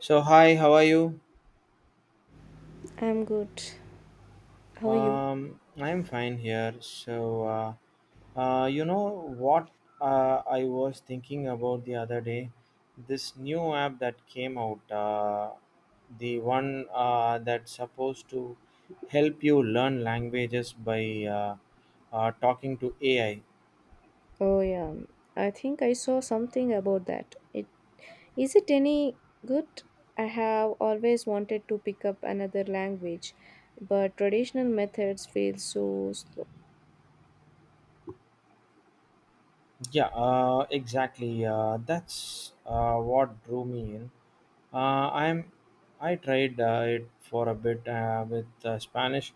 So hi, how are you? I'm good. How are you? I'm fine here. So you know what I was thinking about the other day, this new app that came out, the one that's supposed to help you learn languages by talking to AI. Oh yeah. I think I saw something about that. It is it any good? I have always wanted to pick up another language, but traditional methods feel so slow. Yeah, exactly. That's what drew me in. Uh, I'm I tried it for a bit with Spanish,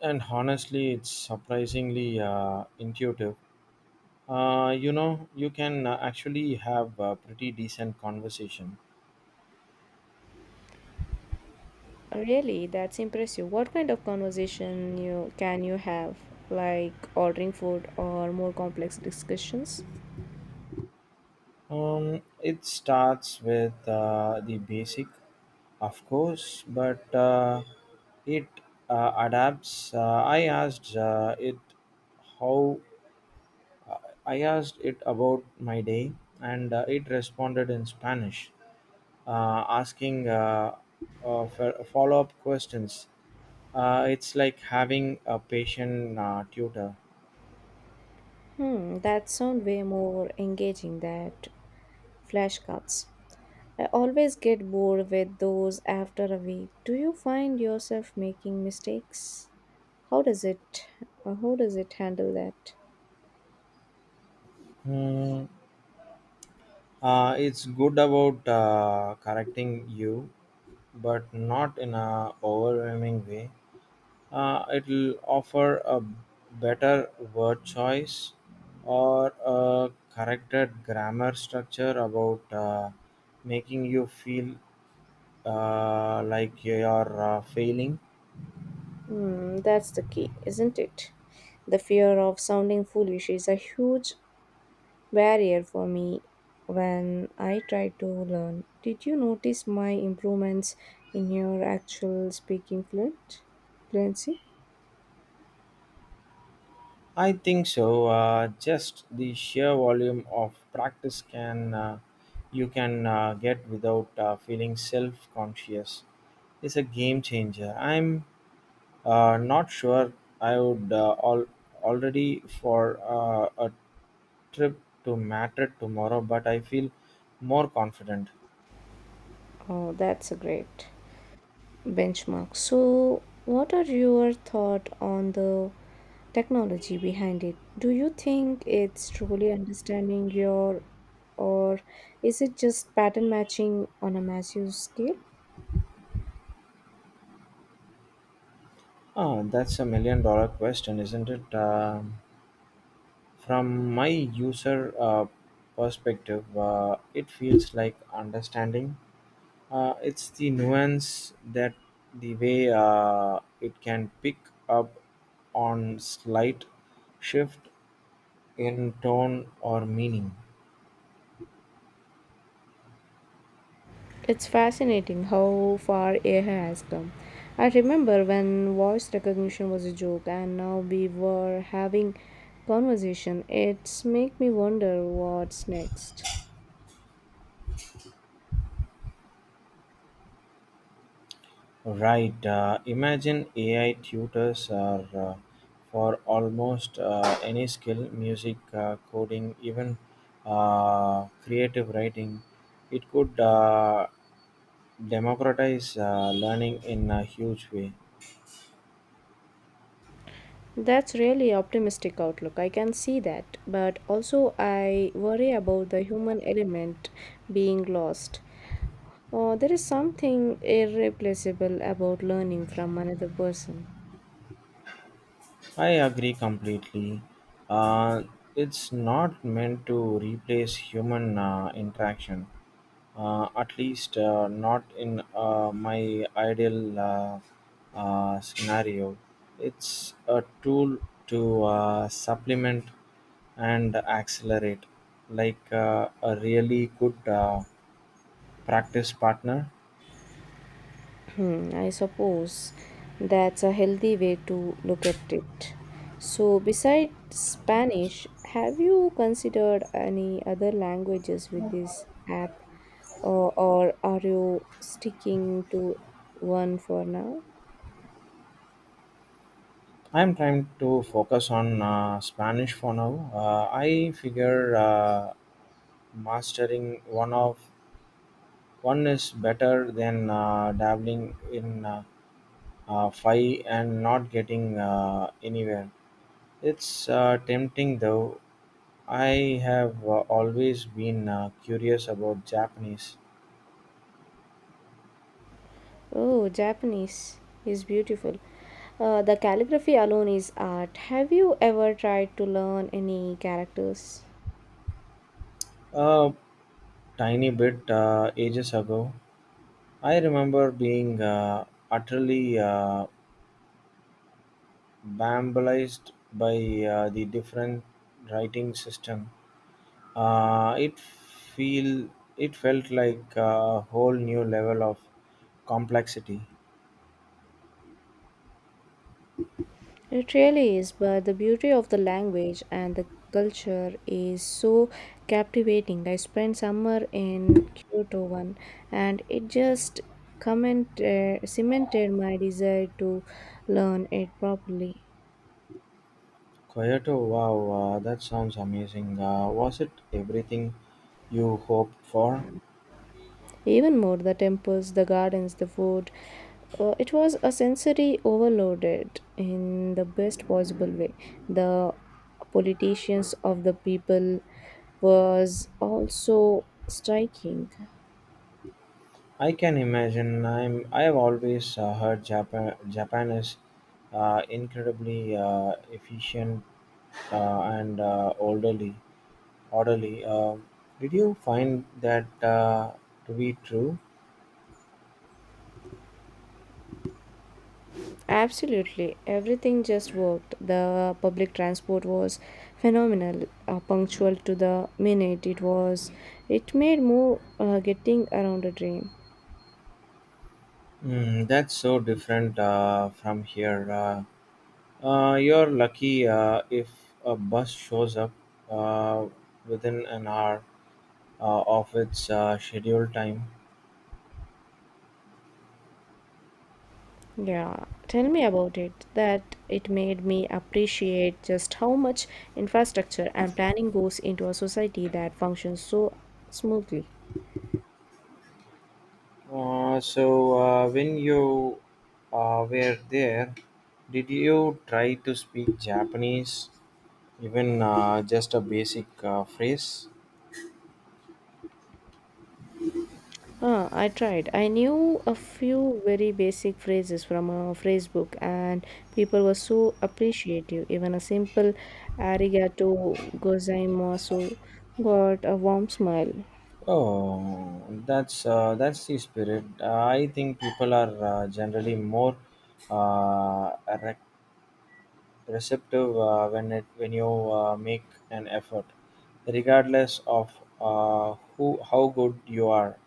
and honestly it's surprisingly intuitive. You know, you can actually have a pretty decent conversation. Really, that's impressive. What kind of conversation you can you have? Like ordering food or more complex discussions? It starts with the basic, of course, but it adapts. How I asked it about my day, and it responded in Spanish, asking uh, follow up questions. It's like having a patient tutor. Hmm, that sound way more engaging than flashcards. I always get bored with those after a week. Do you find yourself making mistakes? How does it how does it handle that? Hmm. It's good about correcting you, but not in a overwhelming way. It'll offer a better word choice or a corrected grammar structure about making you feel like you're failing. Hmm, that's the key, isn't it? The fear of sounding foolish is a huge barrier for me when I try to learn. Did you notice my improvements in your actual speaking fluent fluency? I think so. Just the sheer volume of practice can you can get without feeling self-conscious is a game changer. I'm Not sure I would all already for a trip to Madrid tomorrow, but I feel more confident. Oh, that's great. Benchmark. So, what are your thought on the technology behind it? Do you think it's truly understanding your, or is it just pattern matching on a massive scale? Oh, that's a million-dollar question, isn't it? From my user uh, perspective, it feels like understanding. It's the nuance that the way it can pick up on slight shift in tone or meaning. It's fascinating how far AI has come. I remember when voice recognition was a joke and now we were having conversation. It's make me wonder what's next. Right. Imagine AI tutors are for almost any skill, music, coding, even creative writing. It could democratize learning in a huge way. That's really optimistic outlook. I can see that, but also I worry about the human element being lost. There is something irreplaceable about learning from another person. I agree completely. Uh, it's not meant to replace human interaction, at least not in my ideal scenario. It's a tool to supplement and accelerate, like a really good practice partner. Hmm, I suppose that's a healthy way to look at it. So, besides Spanish, have you considered any other languages with this app, or are you sticking to one for now? I'm trying to focus on Spanish for now. I figure mastering one is better than dabbling in five and not getting anywhere. It's tempting though. I have always been curious about Japanese. Oh, Japanese is beautiful. The calligraphy alone is art. Have you ever tried to learn any characters? A tiny bit ages ago, I remember being utterly bamboozled by the different writing system. Uh, it feel it felt like a whole new level of complexity. It really is, but the beauty of the language and the culture is so captivating. I spent summer in Kyoto one, and it just cemented my desire to learn it properly. Kyoto, wow, that sounds amazing. Was it everything you hoped for? Even more, the temples, the gardens, the food, it was a sensory overloaded in the best possible way. The politicians of the people was also striking. I can imagine. I have always heard Japan. Japan is incredibly efficient and orderly. Orderly. Uh, did you find that to be true? Absolutely everything just worked. The public transport was phenomenal, punctual to the minute. It was it made more uh, getting around a dream. Mm, that's so different from here. You're lucky if a bus shows up uh, within an hour of its scheduled time. Yeah, tell me about it. That it made me appreciate just how much infrastructure and planning goes into a society that functions so smoothly. So, when you were there, did you try to speak Japanese, even just a basic phrase? Ah, I tried. I knew a few very basic phrases from a phrase book, and people were so appreciative. Even a simple arigato gozaimasu got a warm smile. Oh, that's the spirit. I think people are generally more uh, rec- receptive when you make an effort, regardless of who how good you are.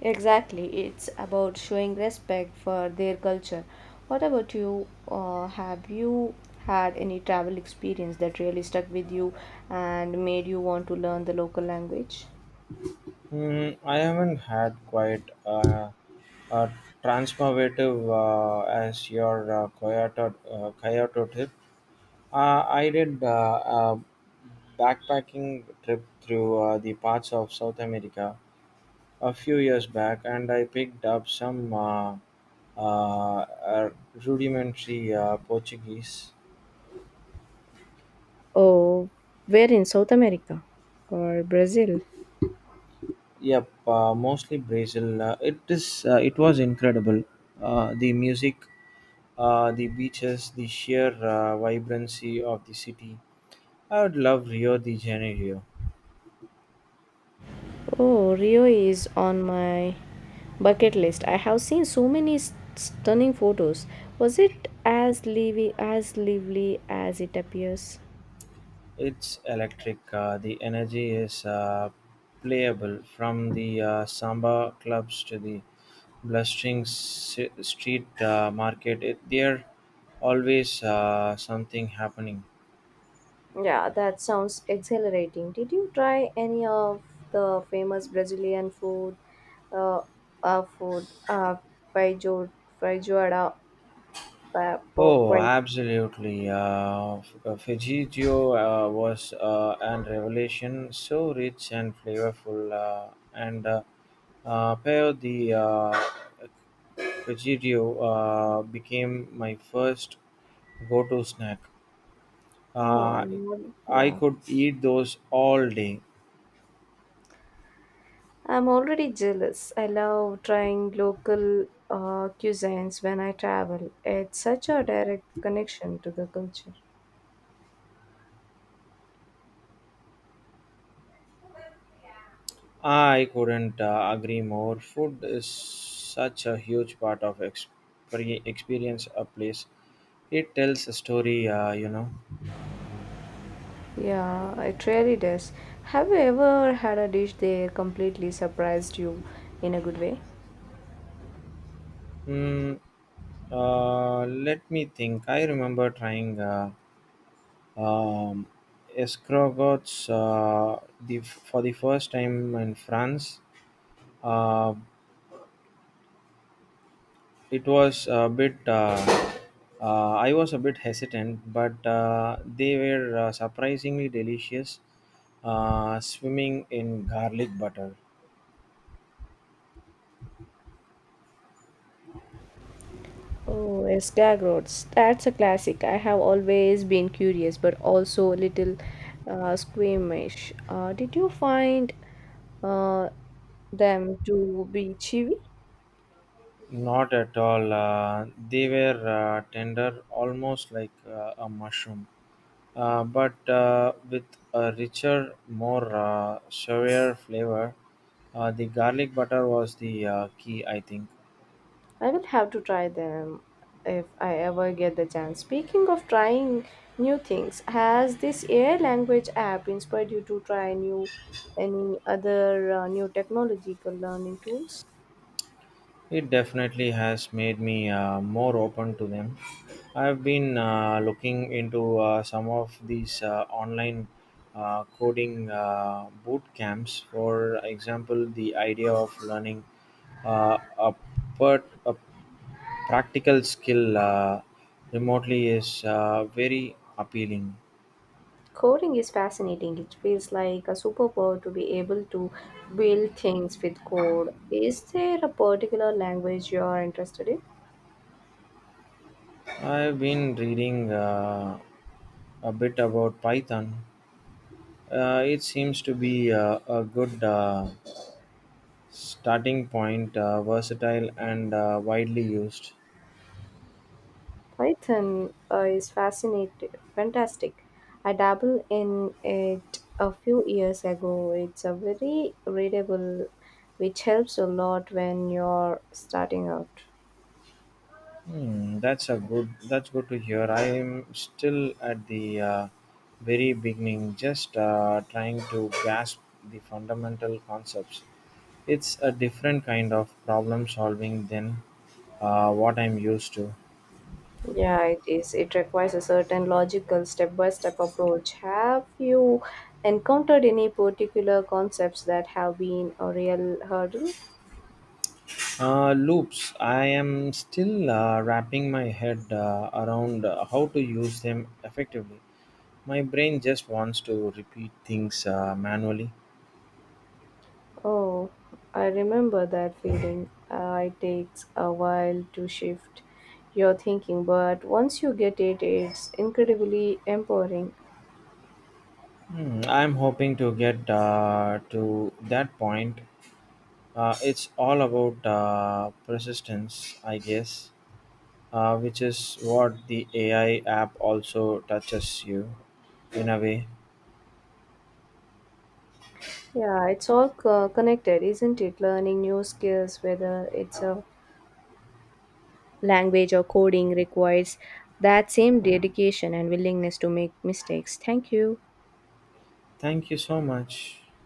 Exactly, it's about showing respect for their culture. What about you? Have you had any travel experience that really stuck with you and made you want to learn the local language? Hmm, I haven't had quite a transformative as your Kyoto trip. I did a backpacking trip through the parts of South America a few years back, and I picked up some uh, uh, rudimentary Portuguese. Oh, where in South America, or Brazil? Yep, mostly Brazil. It is. It was incredible. The music, the beaches, the sheer vibrancy of the city. I would love Rio de Janeiro. Oh, Rio is on my bucket list. I have seen so many stunning photos. Was it as lively as it appears? It's electric. The energy is playable from the samba clubs to the blustering street market. There always something happening. Yeah, that sounds exhilarating. Did you try any of the famous Brazilian food, uh, uh food, uh, feijo, feijoada, pork Oh, pie? absolutely. Fujitsu was an revelation, so rich and flavorful, and pair the Kajiryu, became my first go-to snack. Oh, Uh, I yeah. could eat those all day. I'm already jealous. I love trying local cuisines when I travel. It's such a direct connection to the culture. I couldn't agree more. Food is such a huge part of experience a place. It tells a story, you know. Yeah, it really does. Have you ever had a dish that completely surprised you in a good way? Hmm. Let me think. I remember trying um, escargots for the first time in France. Uh, it was a bit. I was a bit hesitant, but they were surprisingly delicious. Swimming in garlic butter. Oh, Skag Roads. That's a classic. I have always been curious, but also a little squeamish. Did you find uh, them to be chewy? Not at all. They were tender, almost like a mushroom, but with a richer, more severe flavor. The garlic butter was the key, I think. I will have to try them if I ever get the chance. Speaking of trying new things, has this AI language app inspired you to try new any other new technological learning tools? It definitely has made me more open to them. I've been looking into some of these online coding boot camps. For example, the idea of learning uh, a, a practical skill remotely is very appealing. Coding is fascinating. It feels like a superpower to be able to build things with code. Is there a particular language you are interested in? I've been reading a bit about Python. It seems to be a good starting point, versatile and widely used. Python is fantastic. I dabbled in it a few years ago. It's a very readable, which helps a lot when you're starting out. Hmm, that's a good. That's good to hear. I am still at the very beginning, just trying to grasp the fundamental concepts. It's a different kind of problem solving than what I'm used to. Yeah, it is. It requires a certain logical step by step approach. Have you encountered any particular concepts that have been a real hurdle? Loops. I am still wrapping my head around how to use them effectively. My brain just wants to repeat things manually. Oh, I remember that feeling. It takes a while to shift your thinking, but once you get it, it's incredibly empowering. Hmm, I'm hoping to get to that point. It's all about persistence, I guess, which is what the AI app also touches you in a way. Yeah, connected, isn't it? Learning new skills, whether it's a language or coding, requires that same dedication and willingness to make mistakes. Thank you. Thank you so much.